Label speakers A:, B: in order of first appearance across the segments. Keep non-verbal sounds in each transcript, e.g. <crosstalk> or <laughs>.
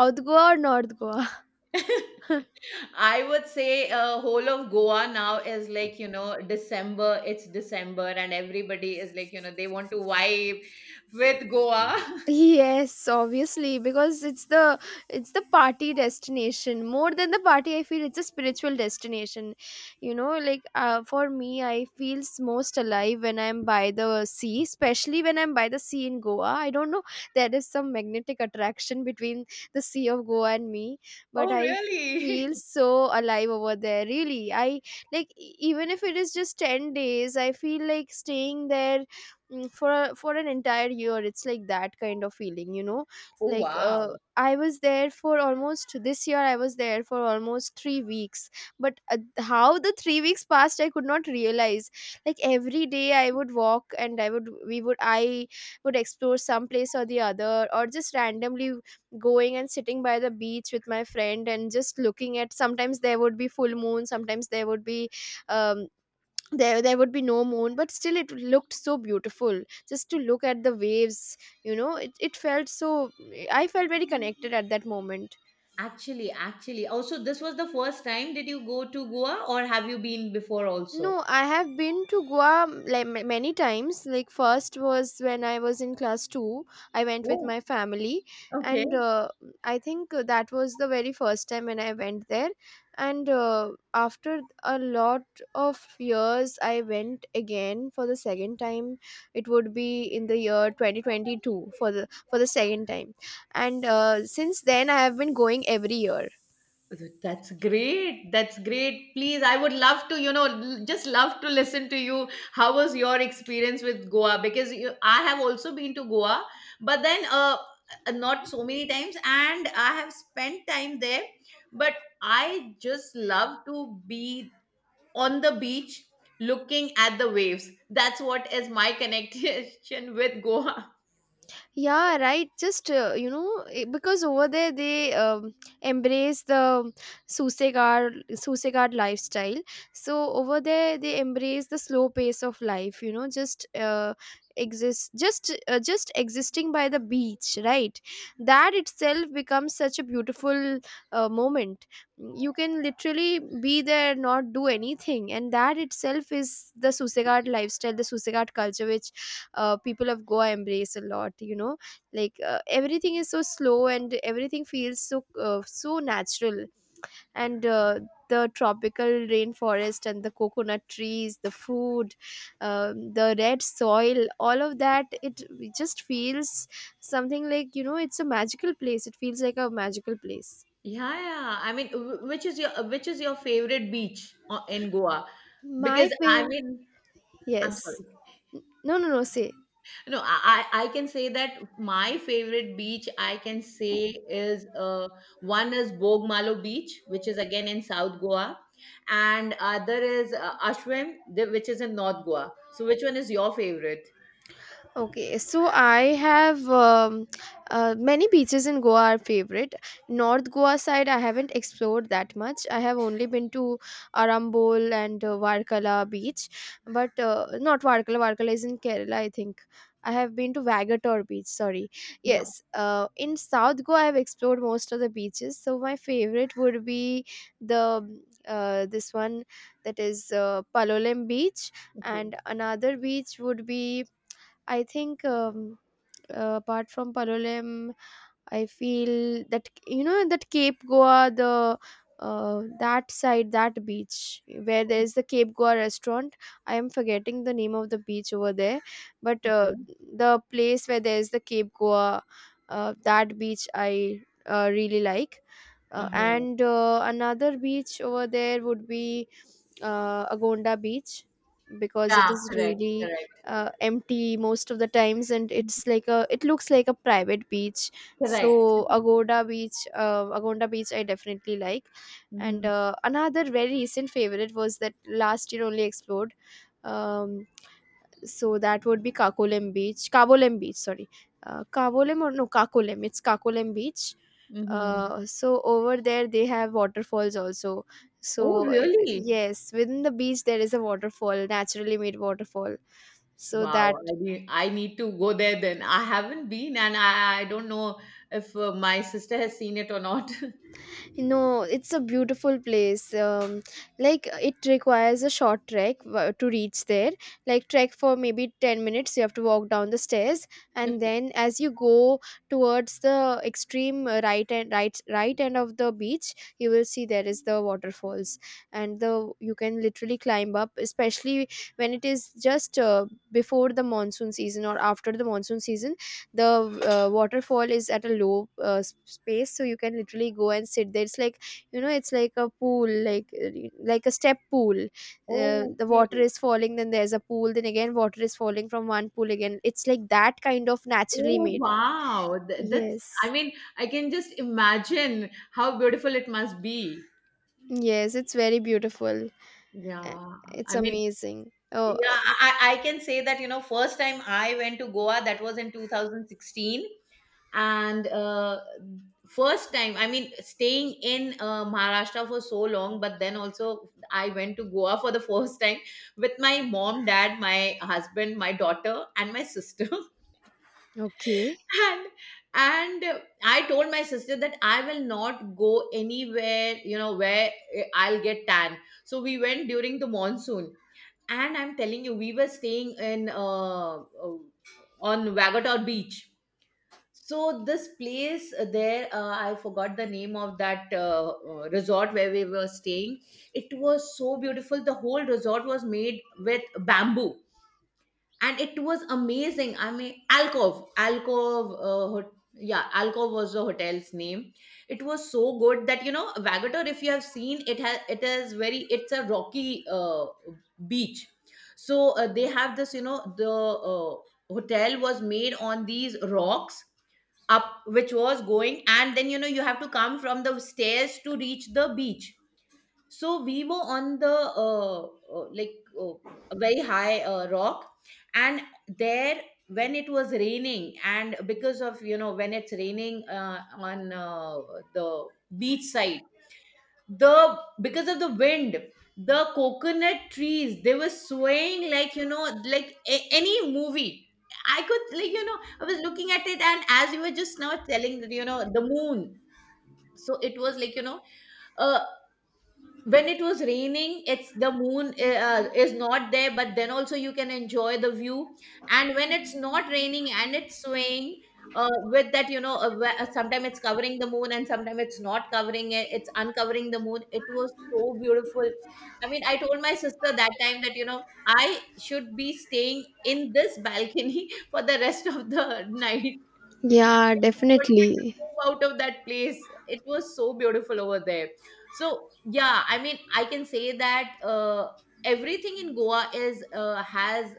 A: South Goa or North Goa? <laughs>
B: I would say whole of Goa now is like, December, it's December, and everybody is like, they want to vibe with Goa. <laughs>
A: Yes, obviously, because it's the party destination. More than the party, I feel it's a spiritual destination. You know, for me, I feel most alive when I'm by the sea, especially when I'm by the sea in Goa. I don't know, there is some magnetic attraction between the sea of Goa and me, but
B: Oh,
A: I feel
B: really?
A: so alive over there. Really, I even if it is just 10 days, I feel like staying there for for an entire year. It's like that kind of feeling you know
B: <laughs> Oh,
A: like uh,
B: wow.
A: i was there for almost this year. I was there for almost 3 weeks, but how the 3 weeks passed, I could not realize. Like every day I would walk, and I would explore some place or the other, or just randomly going and sitting by the beach with my friend and just looking at. Sometimes there would be full moon, sometimes there would be um, there would be no moon, but still it looked so beautiful just to look at the waves. You know, it felt so, I felt very connected at that moment.
B: Actually. Also, this was the first time. Did you go to Goa or have you been before also?
A: No, I have been to Goa many times. Like, first was when I was in class 2. I went with
B: Oh,
A: my family,
B: okay.
A: and I think that was the very first time when I went there, and after a lot of years, I went again for the second time. It would be in the year 2022 for the second time. And since then I have been going every year.
B: That's great. That's great. Please, I would love to, you know, just love to listen to you. How was your experience with Goa? Because you, I have also been to Goa, but then not so many times, and I have spent time there. But I just love to be on the beach looking at the waves. That's what is my connection <laughs> with Goa.
A: Yeah, right, just because over there they embrace the susegard lifestyle. So over there they embrace the slow pace of life, you know, just exist, just existing by the beach, right? That itself becomes such a beautiful moment. You can literally be there, not do anything, and that itself is the susegard lifestyle, the susegard culture, which people of Goa embrace a lot, you know. Everything is so slow and everything feels so so natural. And the tropical rainforest and the coconut trees, the food, the red soil, all of that, it just feels something. Like, you know, it's a magical place, it feels like a magical place.
B: Yeah, yeah. I mean, which is your favorite beach in Goa?
A: My
B: Because I
A: favorite.
B: mean, I'm
A: Yes.
B: sorry.
A: No, no, no, say.
B: No, I can say that my favorite beach I can say is one is Bogmalo Beach, which is again in South Goa, and other is Ashwim, which is in North Goa. So, which one is your favorite?
A: Okay, so I have, many beaches in Goa are favorite. North Goa side, I haven't explored that much. I have only been to Arambol and Varkala beach, but not Varkala. Varkala is in Kerala, I think. I have been to Vagator beach. Sorry,
B: Yeah.
A: yes. In South Goa, I have explored most of the beaches. So my favorite would be the this one, that is, Palolem beach.
B: Okay.
A: And another beach would be, I think, apart from Palolem, I feel that, you know, that Cape Goa, the that side, that beach where there is the Cape Goa restaurant. I am forgetting the name of the beach over there, but
B: Okay.
A: the place where there is the Cape Goa, that beach I really like.
B: Uh huh.
A: And another beach over there would be Agonda Beach, because it
B: Yeah.
A: is
B: Correct.
A: really
B: Correct.
A: empty most of the times, and it's like a, it looks like a private beach.
B: Correct.
A: So Agoda Beach, Agonda Beach, I definitely like. and
B: Hmm.
A: uh, another very recent favorite was, that last year only explored, um, so that would be Kakolem Beach, Kavolem Beach, sorry. Kavolem or no, Kakolem, it's Kakolem Beach.
B: Hmm.
A: So over there they have waterfalls also.
B: Oh,
A: So it,
B: really?
A: yes, within the beach there is a waterfall, naturally made waterfall. So
B: Wow,
A: that.
B: I need to go there then. I haven't been, and I don't know if my sister has seen it or not. <laughs>
A: No, it's a beautiful place. Like, it requires a short trek to reach there. Like trek for maybe 10 minutes. You have to walk down the stairs, and
B: Okay.
A: then as you go towards the extreme right and right right end of the beach, you will see there is the waterfalls. And the, you can literally climb up, especially when it is just before the monsoon season or after the monsoon season, the waterfall is at a low space, so you can literally go and sit there. It's like, you know, it's like a pool, like a step pool. The water
B: Okay.
A: is falling, then there's a pool, then again water is falling from one pool, again it's like that kind of naturally
B: Oh,
A: made.
B: wow. I
A: Yes.
B: mean, I can just imagine how beautiful it must be.
A: Yes, it's very beautiful. Uh,
B: Yeah.
A: it's
B: I mean,
A: amazing. Oh.
B: Yeah, I can say that, you know, first time I went to Goa, that was in 2016. And first time, I mean, staying in Maharashtra for so long, but then also I went to Goa for the <laughs> first time with my mom, dad, my husband, my daughter, and my sister. <laughs>
A: Okay.
B: and and I told my sister that I will not go anywhere you know where I'll get tan. So we went during the monsoon, and I'm telling you we were staying in uh, on Wagator Beach. So this place there I forgot the name of that resort where we were staying. It was so beautiful. The whole resort was made with bamboo, and it was amazing. I mean, alcove yeah, Alcove was the hotel's name. It was so good that, you know, Vagator, if you have seen it has it is very, it's a rocky beach. So they have this, you know, the uh, hotel was made on these rocks up, which was going, and then you know you have to come from the stairs to reach the beach. So we were on the like a very high rock. And there when it was raining and because of, you know, when it's raining on the beach side, the because of the wind the coconut trees they were swaying like, you know, like any movie. I could like, you know, I was looking at it, and as you were just now telling that, you know, the moon. So it was like, you know, uh, when it was raining it's the moon is not there, but then also you can enjoy the view. And when it's not raining and it's swaying with that, you know, sometimes it's covering the moon and sometimes it's not covering it, it's uncovering the moon. It was so beautiful. I mean, I told my sister that time that, you know, I should be staying in this balcony <laughs> for the rest of the <laughs> night.
A: Yeah,
B: Wanted to
A: definitely.
B: move out of that place. It was so beautiful over there. So yeah, I mean, I can say that everything in Goa is has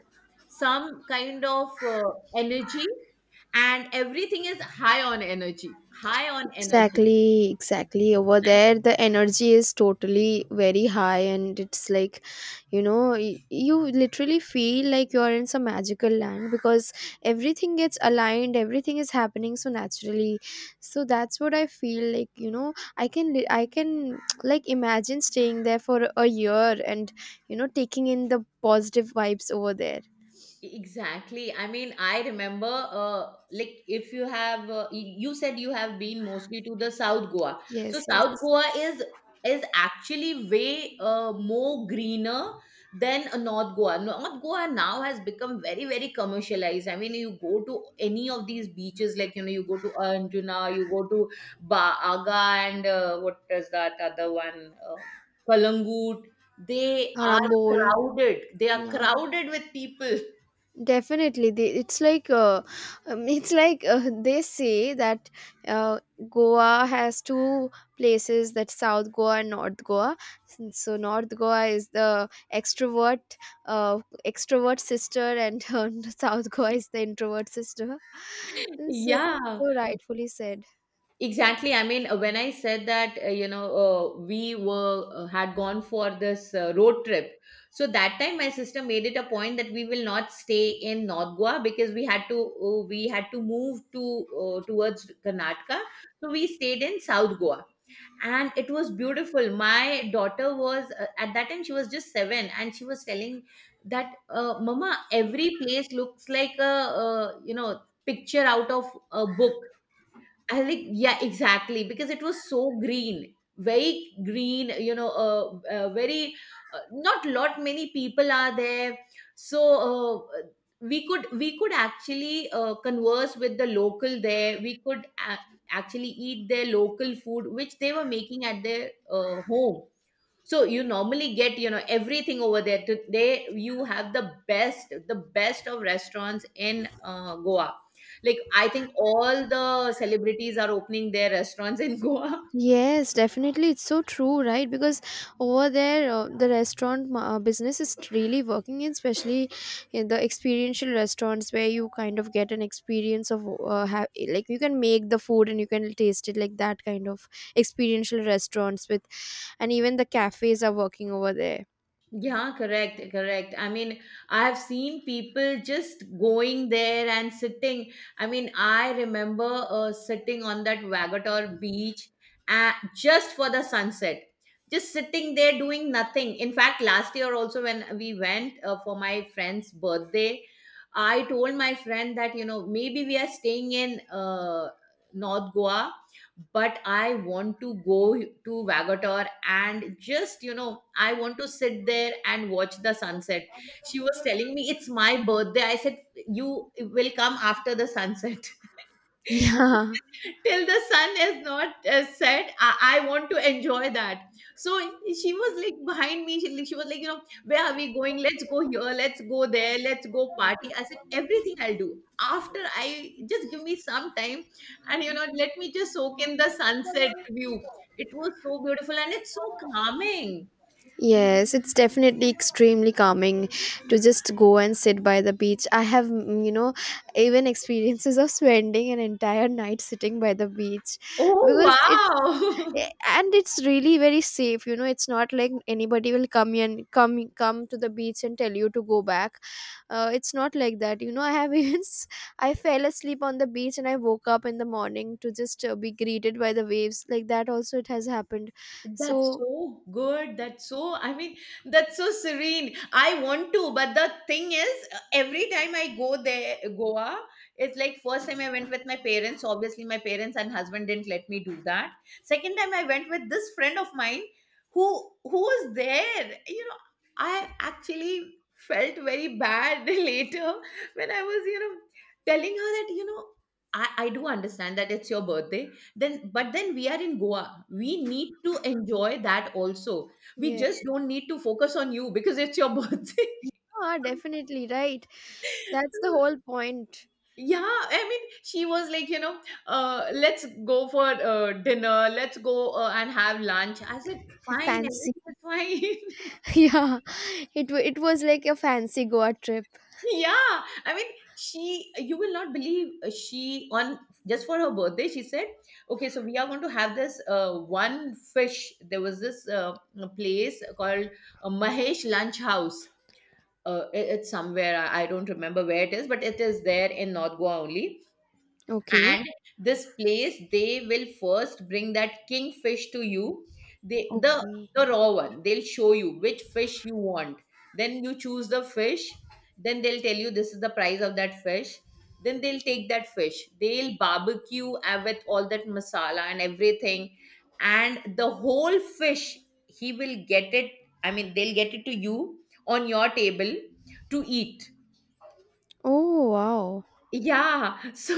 B: some kind of energy, and everything is high on energy, high on energy.
A: Exactly, exactly. Over there, the energy is totally very high, and it's like, you know, you literally feel like you're in some magical land because everything gets aligned, everything is happening so naturally. So that's what I feel like, you know, I can, I can <tsk> like imagine staying there for a year, and, you know, taking in the positive vibes over there.
B: Exactly. I mean, I remember, like, if you have, you said you have been mostly to the South Goa. So
A: Yes,
B: South
A: yes.
B: Goa is actually way more greener than North Goa. North Goa now has become very, very commercialized. I mean, you go to any of these beaches, like, you know, you go to Anjuna, you go to Ba Aga, and what is that other one? Kalangut. They are
A: Arambol.
B: crowded. They are
A: Yeah.
B: crowded with people.
A: Definitely they, it's like, <laughs> it's like, they say that uh, Goa has two places, that South Goa and North Goa. So North Goa is the extrovert, uh, extrovert sister, and <laughs> South Goa is the introvert sister. <laughs> So,
B: Yeah,
A: so rightfully said.
B: exactly. I mean, when I said that, you know, we were had gone for this road trip. So that time, my sister made it a point that we will not stay in North Goa because we had to move to towards Karnataka. So we stayed in South Goa, and it was beautiful. My daughter was at that time she was just seven, and she was telling that, "Mama, every place looks like a you know picture out of a book." I think yeah, exactly, because it was so green, very green. You know, very not lot many people are there, so uh, we could actually converse with the local there. We could actually eat their local food, which they were making at their home. So you normally get, you know, everything over there today. You have the best of restaurants in Goa. Like I think all the celebrities are opening their restaurants in <laughs> Goa.
A: Yes, definitely. It's so true, right? Because over there, the restaurant business is really working in, especially in the experiential restaurants where you kind of get an experience of like, you can make the food and you can taste it, like that kind of experiential restaurants with, and even the cafes are working over there.
B: Yeah, correct, correct. I mean, I've seen people just going there and sitting. I mean, I remember sitting on that Vagator Beach just for the sunset, just sitting there doing nothing. In fact, last year also, when we went for my friend's birthday, I told my friend that, you know, maybe we are staying in North Goa but I want to go to Vagator and just, you know, I want to sit there and watch the sunset. She was telling me, It's my birthday. I said, You will come after the sunset.
A: <laughs> Yeah.
B: <laughs> Till the sun is not set, I want to enjoy that. So she was like behind me, she, like, she was like, you know, where are we going, let's go here, let's go there, let's go party. I said everything I'll do after, I just give me some time, and you know, let me just soak in the sunset view. It was so beautiful and it's so calming.
A: Yes, it's definitely extremely calming to just go and sit by the beach. I have, mm, you know, even <laughs> experiences of spending an entire night sitting by the beach,
B: Oh
A: because it's, eh,
B: wow. <laughs>
A: and it's really very safe. You know, it's not like anybody will come and come to the beach and tell you to go back. It's not like that. You know, I have <laughs> I fell asleep on the beach and I woke up in the morning to just be greeted by the waves, like that. Also, it has happened.
B: That's
A: So.
B: so good. I mean, that's so serene. I want to, but the thing is, every time I go there, Goa, it's like first time I went with my parents. Obviously, my parents and husband didn't let me do that. Second time I went with this friend of mine who was there. You know, I actually felt very bad <laughs> later when I was, you know, telling her that, you know, I do understand that it's your birthday, then but then we are in Goa, we need to enjoy that also. We
A: Yeah.
B: just don't need to focus on you because it's your birthday.
A: Yeah, definitely, right. That's the
B: <laughs>
A: whole point.
B: Yeah, I mean she was like, you know, let's go for dinner, let's go and have lunch. I said fine,
A: Fancy. <laughs>
B: everything is fine.
A: Yeah. It it was like a fancy Goa trip.
B: Yeah, I mean, you will not believe she on just for her birthday, she said, okay, so we are going to have this one fish. There was this place called Mahesh Lunch House. It's somewhere, I don't remember where it is, but it is there in North Goa only.
A: Okay.
B: And this place, they will first bring that kingfish to you. they the
A: Okay.
B: the raw one, they'll show you which fish you want. Then you choose the fish, then they'll tell you this is the price of that fish. Then they'll take that fish, they'll barbecue with all that masala and everything, and the whole fish he will get it, I mean they'll get it to you on your table to eat.
A: Oh, wow.
B: Yeah. <laughs> So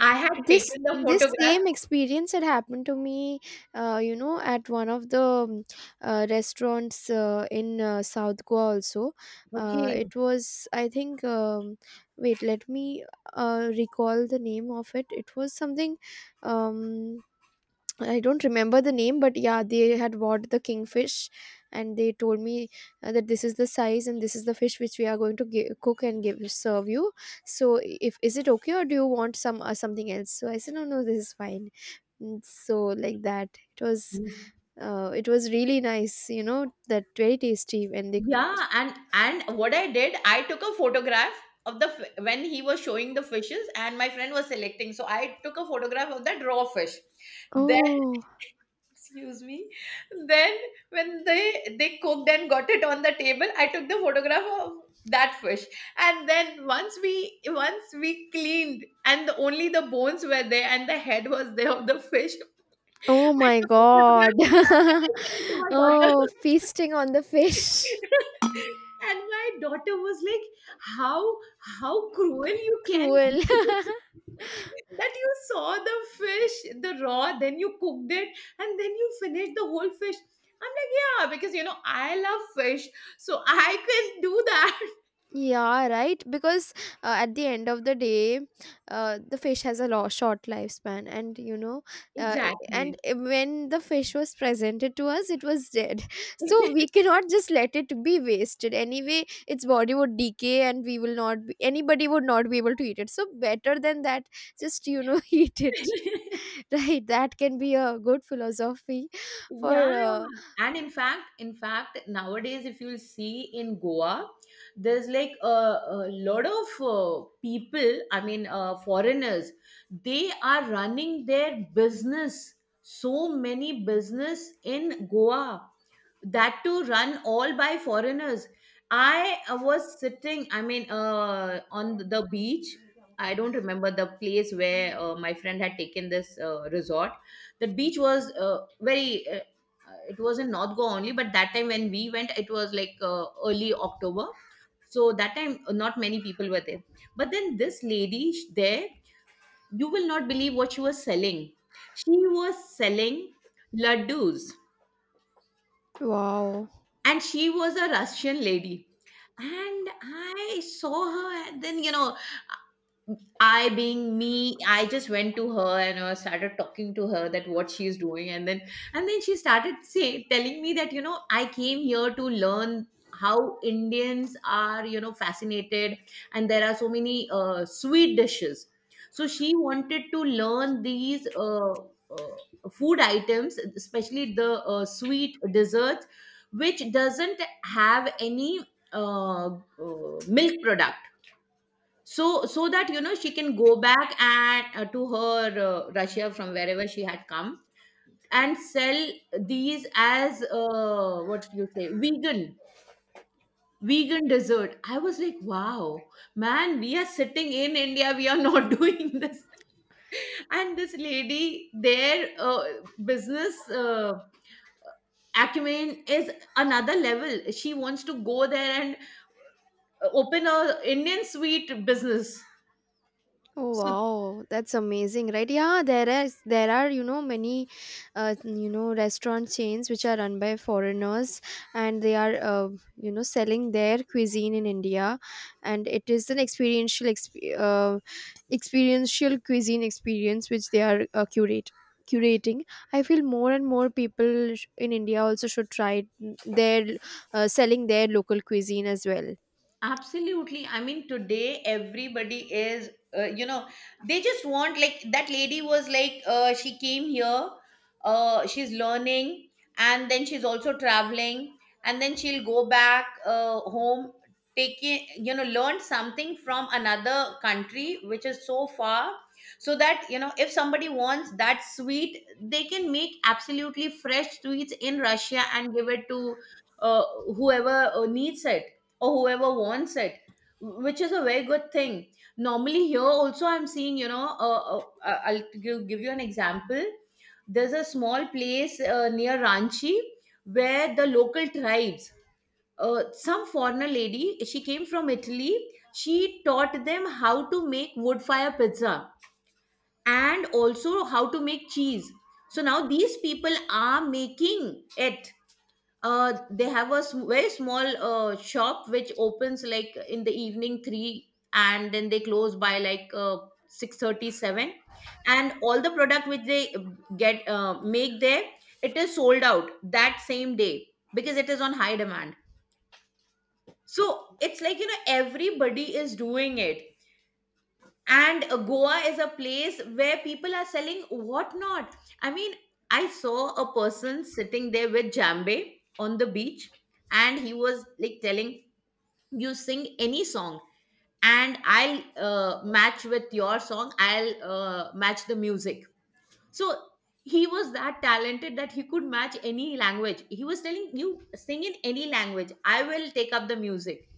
B: I had
A: This
B: taken the
A: this
B: photograph.
A: same experience had happened to me, you know, at one of the restaurants in South Goa also.
B: Okay.
A: It was, I think, wait, let me recall the name of it. It was something. Um, I don't remember the name, but yeah, they had bought the kingfish, and they told me that this is the size and this is the fish which we are going to cook and give serve you. So, if is it okay, or do you want some something else? So I said, no, no, this is fine. And so like that, it was,
B: Yeah,
A: it was really nice, you know, that, very tasty when they cook.
B: Yeah, and what I did, I took a photograph of when he was showing the fishes, and my friend was selecting. So I took a photograph of that raw fish. Then,
A: Oh,
B: excuse me, then when they cooked and got it on the table, I took the photograph of that fish. And then once we cleaned, and the, only the bones were there, and the head was there of the fish. <laughs>
A: oh
B: I
A: my
B: took a
A: God!
B: photograph of that and
A: <laughs>
B: I sent it to my
A: Oh,
B: daughter.
A: feasting on the fish.
B: <laughs> And my daughter was like, how how cruel
A: <laughs>
B: you can
A: Cruel.
B: be,
A: <laughs>
B: <laughs> that you saw the fish the raw, then you cooked it and then you finished the whole fish. I'm like, yeah, because you know I love fish, so I can do that.
A: Yeah, right. Because at the end of the day, the fish has a short lifespan, and you know,
B: <laughs> Exactly.
A: when the fish was presented to us, it was dead. <laughs> So we cannot just let it be wasted. Anyway, its body would decay, and we will not be, anybody would not be able to eat it. So better than that, just you know, <laughs> eat it. Right? That can be a good philosophy for.
B: Yeah.
A: Uh,
B: And in fact, nowadays, if you'll see in Goa, there's like a lot of people, I mean, foreigners, they are running their business, so many business in Goa that to run all by foreigners. I was sitting, I mean, on the beach. I don't remember the place where my friend had taken this resort. The beach was very It was in North Goa only, but that time when we went, it was like early October. So that time, not many people were there. But then this lady there, you will not believe what she was selling. She was selling laddus,
A: wow.
B: and she was a Russian lady. And I saw her, and then you know, I being me, I just went to her and I started talking to her that what she's doing, and then she started say telling me that you know I came here to learn how Indians are you know fascinated, and there are so many sweet dishes. So she wanted to learn these food items, especially the sweet desserts, which doesn't have any milk product, so that you know she can go back and to her Russia from wherever she had come and sell these as what you say, vegan, dessert. I was like, wow, man, we are sitting in India, we are not <laughs> doing this. And this lady, their business acumen is another level. She wants to go there and open a Indian sweet business.
A: Oh
B: So.
A: wow, that's amazing, right? Yeah, there is, there are, you know, many you know restaurant chains which are run by foreigners, and they are you know selling their cuisine in India, and it is an experiential experiential cuisine experience which they are curate curating. I feel more and more people in India also should try their selling their local cuisine as well.
B: Absolutely. I mean, today everybody is, you know, they just want, like, that lady was like, she came here, she's learning, and then she's also traveling, and then she'll go back home, taking, you know, learn something from another country, which is so far, so that, you know, if somebody wants that sweet, they can make absolutely fresh sweets in Russia and give it to uh, whoever needs it or whoever wants it, which is a very good thing. Normally here also I'm seeing, you know, I'll give you an example. There's a small place near Ranchi where the local tribes, some foreigner lady, she came from Italy, she taught them how to make wood fire pizza and also how to make cheese. So now these people are making it. They have a very small shop which opens like in the evening 3, and then they close by like 6:37, and all the product which they get make there, it is sold out that same day because it is on high demand. So it's like, you know, everybody is doing it. And Goa is a place where people are selling whatnot. I mean, I saw a person sitting there with jambe on the beach, and he was like telling, you sing any song and I'll match with your song, I'll match the music. So he was that talented that he could match any language. He was telling, you sing in any language, I will take up the music.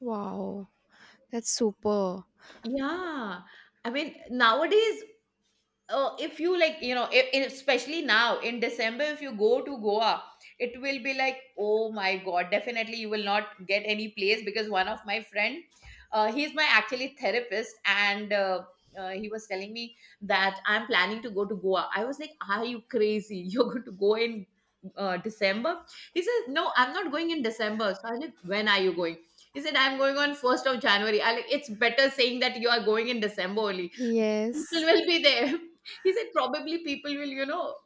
A: Wow, that's super.
B: Yeah, I mean, nowadays, if you like, you know, especially now in December, if you go to Goa, it will be like, oh my god, definitely you will not get any place, because one of my friend, he's my actually therapist, and he was telling me that, I'm planning to go to Goa. I was like, are you crazy? <laughs> You're going to go in December? He says, no, I'm not going in December. So I was like, when are you going? He said, I'm going on 1st of January. I like, it's better saying that you are going in December only.
A: Yes.
B: People will be there. <laughs> He said, probably people will, you know,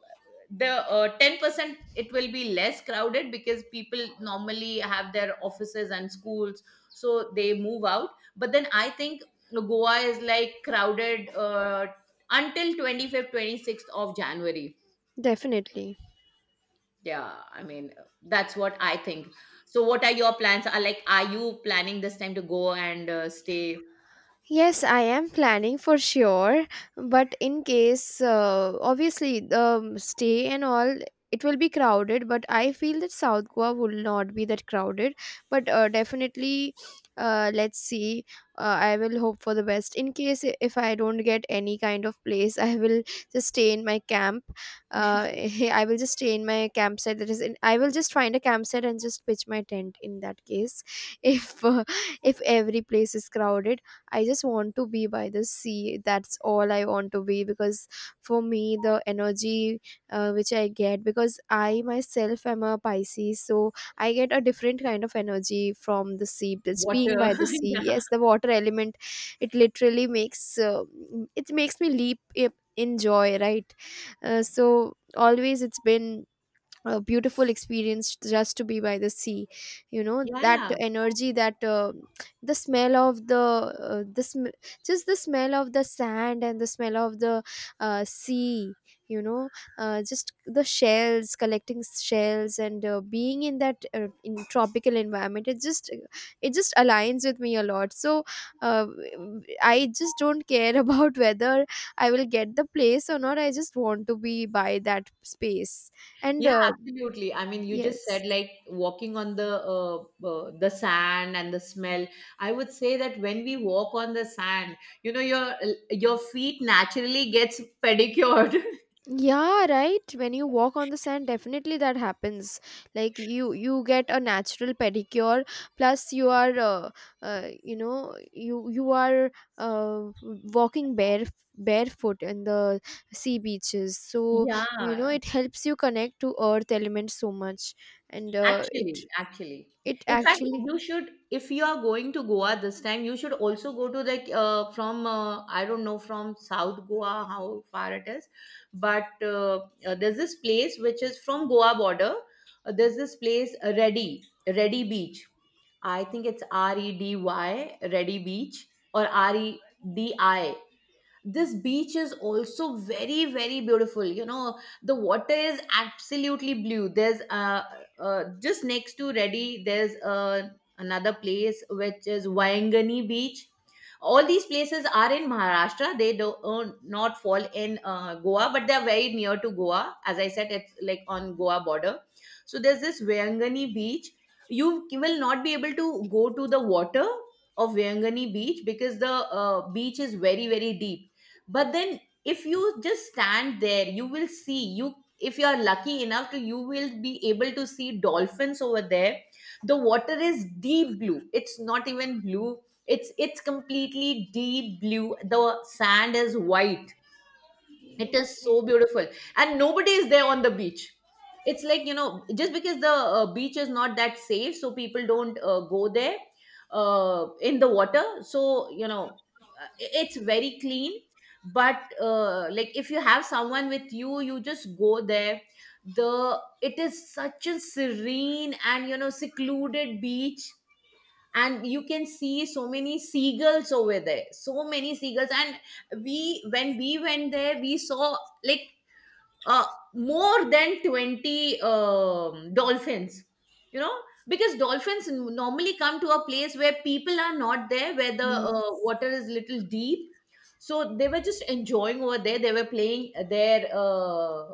B: the 10% it will be less crowded because people normally have their offices and schools, so they move out. But then I think Goa is like crowded until 25th, 26th of January.
A: Definitely.
B: Yeah, I mean, that's what I think. So what are your plans? Are like, are you planning this time to go and stay?
A: Yes, I am planning for sure, but in case, obviously, the stay and all, it will be crowded. But I feel that South Goa will not be that crowded. But definitely, let's see. I will hope for the best. In case if I don't get any kind of place, I will just stay in my camp. Uh, <laughs> I will just stay in my campsite. That is, in, I will just find a campsite and just pitch my tent. In that case, <laughs> if uh, if every place is crowded, I just want to be by the sea. That's all I want to be, because for me, the energy which I get, because I myself am a Pisces, so I get a different kind of energy from the sea. It's
B: What
A: being by the
B: <laughs>
A: sea.
B: yeah.
A: Yes, the water element, it literally makes it makes me leap in joy, right? So always it's been a beautiful experience just to be by the sea. You know
B: Yeah.
A: that
B: Yeah.
A: energy that the smell of uh, the sm- just the smell of the sand and the smell of the sea, you know. Just The shells, collecting shells, and being in that in tropical environment, it just aligns with me a lot. So uh, I just don't care <laughs> about whether I will get the place or not. I just want to be by that space. And
B: Yeah, absolutely. I mean, you just
A: Yes.
B: said like walking on the sand and the smell. I would say that when we walk on the sand, you know, your feet naturally gets pedicured. <laughs>
A: Yeah, right. When you walk on the sand, definitely that happens. Like you get a natural pedicure. Plus, you are, you are uh, walking barefoot in the sea beaches. So you know,
B: Yeah.
A: it helps you connect to earth element so much, and uh,
B: Actually,
A: it
B: actually.
A: it
B: In fact,
A: actually.
B: you should, if you are going to Goa this time, you should also go to like from I don't know from South Goa how far it is, but there's this place which is from Goa border. There's this place, Reddy Beach. I think it's REDY Reddy Beach, or REDI. This beach is also very very beautiful. You know, the water is absolutely blue. There's just next to Reddy, there's another place which is Waingani Beach. All these places are in Maharashtra. They do not fall in Goa, but they are very near to Goa. As I said, it's like on Goa border. So there's this Waingani Beach. You will not be able to go to the water of Waingani Beach because the beach is very very deep. But then if you just stand there, you will see you, if you are lucky enough to, you will be able to see dolphins over there. The water is deep blue. It's not even blue, it's completely deep blue. The sand is white. It is so beautiful, and nobody is there on the beach. It's like, you know, just because the beach is not that safe, so people don't go there in the water. So you know, it's very clean. But like, if you have someone with you, you just go there. The It is such a serene and, you know, secluded beach. And you can see so many seagulls over there. So many seagulls. And we when we went there, we saw like uh, more than 20, dolphins, you know, because dolphins normally come to a place where people are not there, where the
A: Yes.
B: water is little deep. So they were just enjoying over there. They were playing their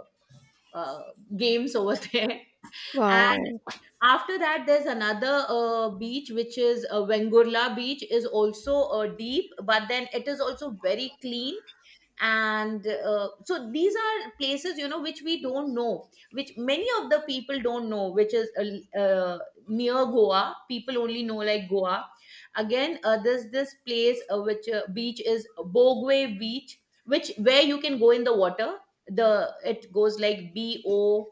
B: uh, games over there. <laughs>
A: Wow.
B: After that, there's another beach, which is Vengurla Beach, is also deep, but then it is also very clean. And so these are places, you know, which we don't know, which many of the people don't know, which is near Goa. People only know like Goa. Again, there's this place, which beach is Bogwe Beach, which where you can go in the water. The It goes like B O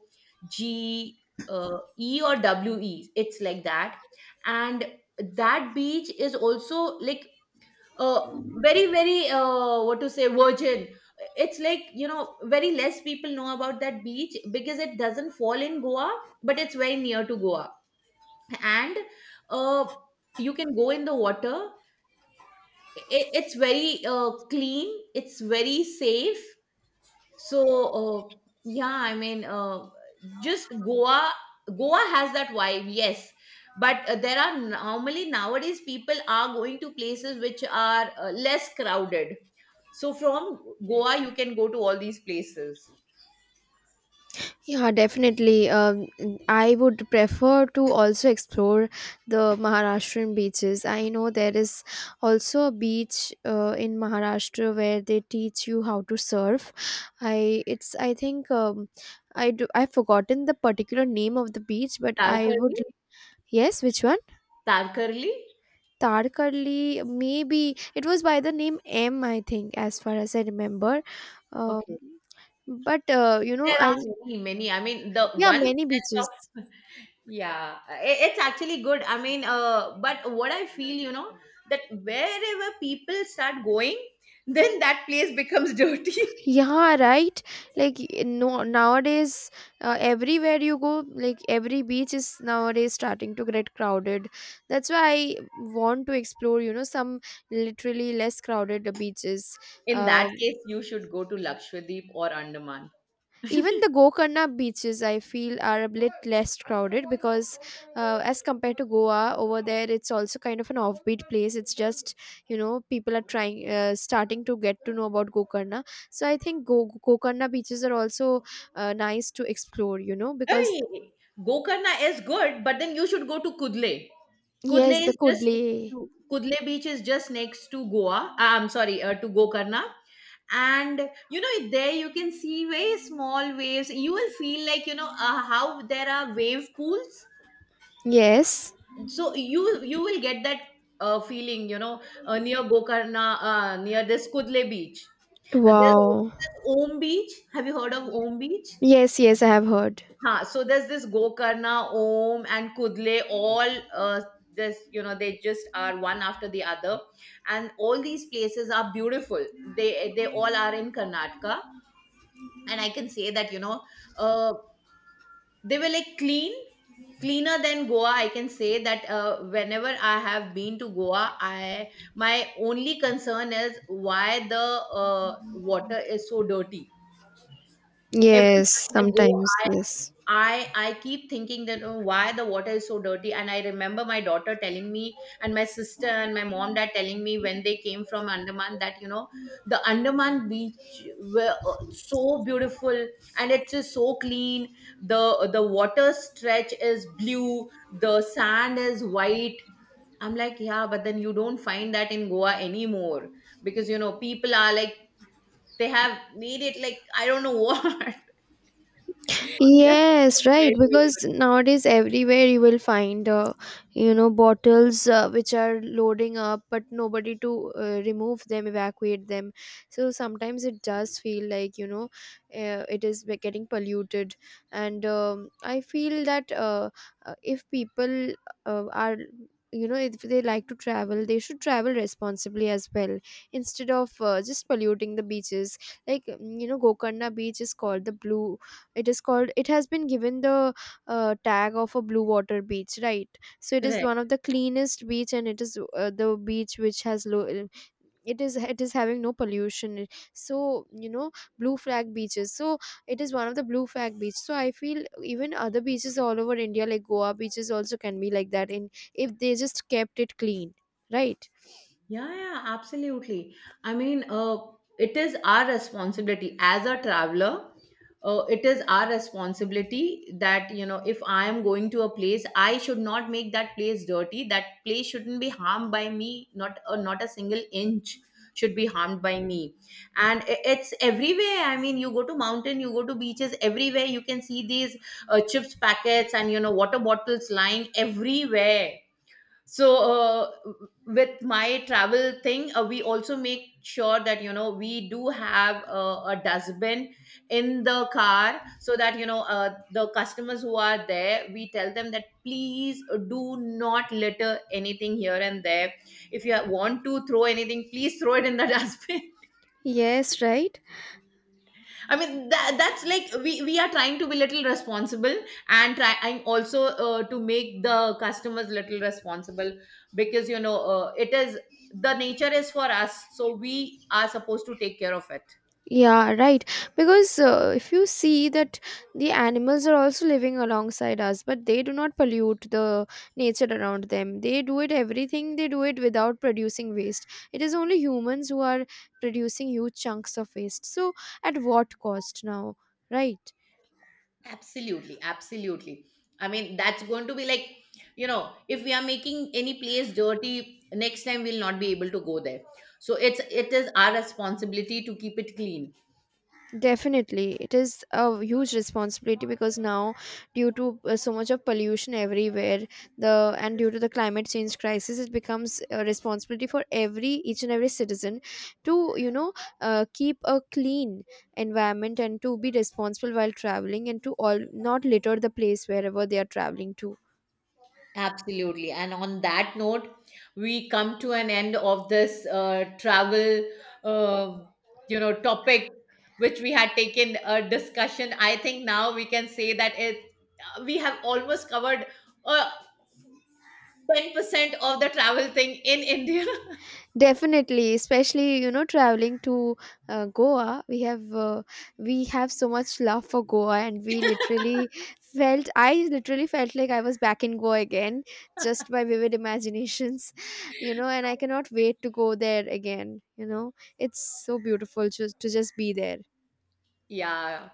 B: G, E, or W E. It's like that. And that beach is also like uh, very very what to say, virgin. It's like, you know, very less people know about that beach because it doesn't fall in Goa, but it's very near to Goa. And uh, you can go in the water. I It's very clean. It's very safe. So, yeah, I mean, just Goa has that vibe, yes. But there are normally nowadays people are going to places which are less crowded. So from Goa, you can go to all these places.
A: Yeah, definitely. I would prefer to also explore the Maharashtrian beaches. I know there is also a beach in Maharashtra where they teach you how to surf. I think I've forgotten the particular name of the beach, but I
B: Tarkarli?
A: would. Yes, which one?
B: Tarkarli?
A: Tarkarli, maybe it was by the name M, I think, as far as I remember. Um,
B: Okay.
A: but you know,
B: There
A: I,
B: are many, many. I mean, the
A: yeah,
B: one
A: many
B: stretch.
A: beaches.
B: Yeah, it's actually good. I mean, but what I feel, you know, that wherever people start going, <laughs> then that place becomes <laughs> dirty.
A: Yeah, right. like y- no Nowadays everywhere you go, like every beach is nowadays starting to get crowded. That's why I want to explore, you know, some literally less crowded beaches.
B: In that
A: Um
B: case, you should go to Lakshadweep or Andaman.
A: Even the Gokarna beaches I feel are a bit less crowded, because as compared to Goa, over there it's also kind of an offbeat place. It's just, you know, people are trying starting to get to know about Gokarna. So I think Gokarna beaches are also nice to explore, you know, because
B: Hey, Gokarna is good, but then you should go to Kudle. Kudle
A: yes, the
B: is just
A: Kudli.
B: next to Kudle Beach is just next to Goa. I'm sorry, to Gokarna. And you know, there you can see very small waves. You will feel like, you know, how there are wave pools.
A: Yes.
B: So you will get that feeling, you know, near Gokarna, near this Kudle Beach. There's
A: Wow.
B: also this Om Beach. Have you heard of Om Beach?
A: Yes, yes, I have heard.
B: Huh, so there's this Gokarna, Om, and Kudle, all this you know, they just are one after the other. And all these places are beautiful. They all are in Karnataka. And I can say that, you know, uh, they were like clean, cleaner than Goa. I can say that. Whenever I have been to Goa, I my only concern is why the water is so dirty. Every
A: Yes,
B: time I go,
A: sometimes, yes.
B: I keep thinking that, oh, why the water is so dirty? And I remember my daughter telling me, and my sister and my mom, dad telling me, when they came from Andaman, that, you know, the Andaman beach were so beautiful, and it's just so clean. The water stretch is blue. The sand is white. I'm like, yeah, but then you don't find that in Goa anymore, because, you know, people are like, they have made it like, I don't know, <laughs> what. That's
A: Yes, right.
B: compared with.
A: Because nowadays everywhere you will find, you know, bottles which are loading up, but nobody to remove them, evacuate them. So sometimes it does feel like, you know, getting polluted, and I feel that if people are, you know, if they like to travel, they should travel responsibly as well, instead of just polluting the beaches. Like, you know, Gokarna beach is called the blue. It is called It has been given the tag of a blue water beach, right? So it is
B: Correct.
A: one of the cleanest beach, and it is the beach which has low. It is having no pollution. So, you know, blue flag beaches. So it is one of the blue flag beach. So I feel even other beaches all over India, like Goa beaches, also can be like that, in if they just kept it clean, right.
B: Yeah, yeah, absolutely. I mean, it is our responsibility as a traveler. It is our responsibility that, you know, if I am going to a place, I should not make that place dirty. That place shouldn't be harmed by me. Not a single inch should be harmed by me. And it's everywhere. I mean, you go to mountain, you go to beaches, everywhere you can see these chips packets and, you know, water bottles lying everywhere. So with my travel thing, we also make sure that, you know, we do have a dustbin in the car, so that, you know, the customers who are there, we tell them that please do not litter anything here and there. If you want to throw anything, please throw it in the <laughs> dustbin.
A: Yes, right.
B: I mean, that's like we are trying to be little responsible, and trying also to make the customers little responsible, because, you know, it is the nature is for us, so we are supposed to take care of it.
A: Yeah, right. Because if you see that the animals are also living alongside us, but they do not pollute the nature around them. They do it everything, they do it without producing waste. It is only humans who are producing huge chunks of waste. So, at what cost now? Right?
B: Absolutely, absolutely. I mean, that's going to be like, you know, if we are making any place dirty, next time we'll not be able to go there. So it is our responsibility to keep it clean.
A: Definitely, it is a huge responsibility because now, due to so much of pollution everywhere, the and due to the climate change crisis, it becomes a responsibility for every each and every citizen to, you know, keep a clean environment and to be responsible while traveling and to all not litter the place wherever they are traveling to.
B: Absolutely. And on that note, we come to an end of this travel, uh, you know, topic which we had taken a discussion. I think now we can say that it we have almost covered uh, 10% of the travel thing in India.
A: Definitely, especially you know, traveling to Goa, we have so much love for Goa, and we literally felt I literally felt like I was back in Goa again, just by vivid imaginations, <laughs> you know. And
B: <laughs>
A: I cannot wait to go there again. You know, it's so beautiful just to just be there.
B: Yeah.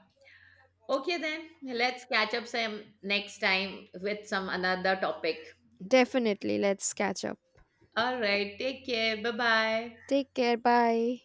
B: Okay then. Let's catch up some next time with some another topic.
A: Definitely, let's catch up.
B: All right. Take care. Bye-bye.
A: Take care. Bye.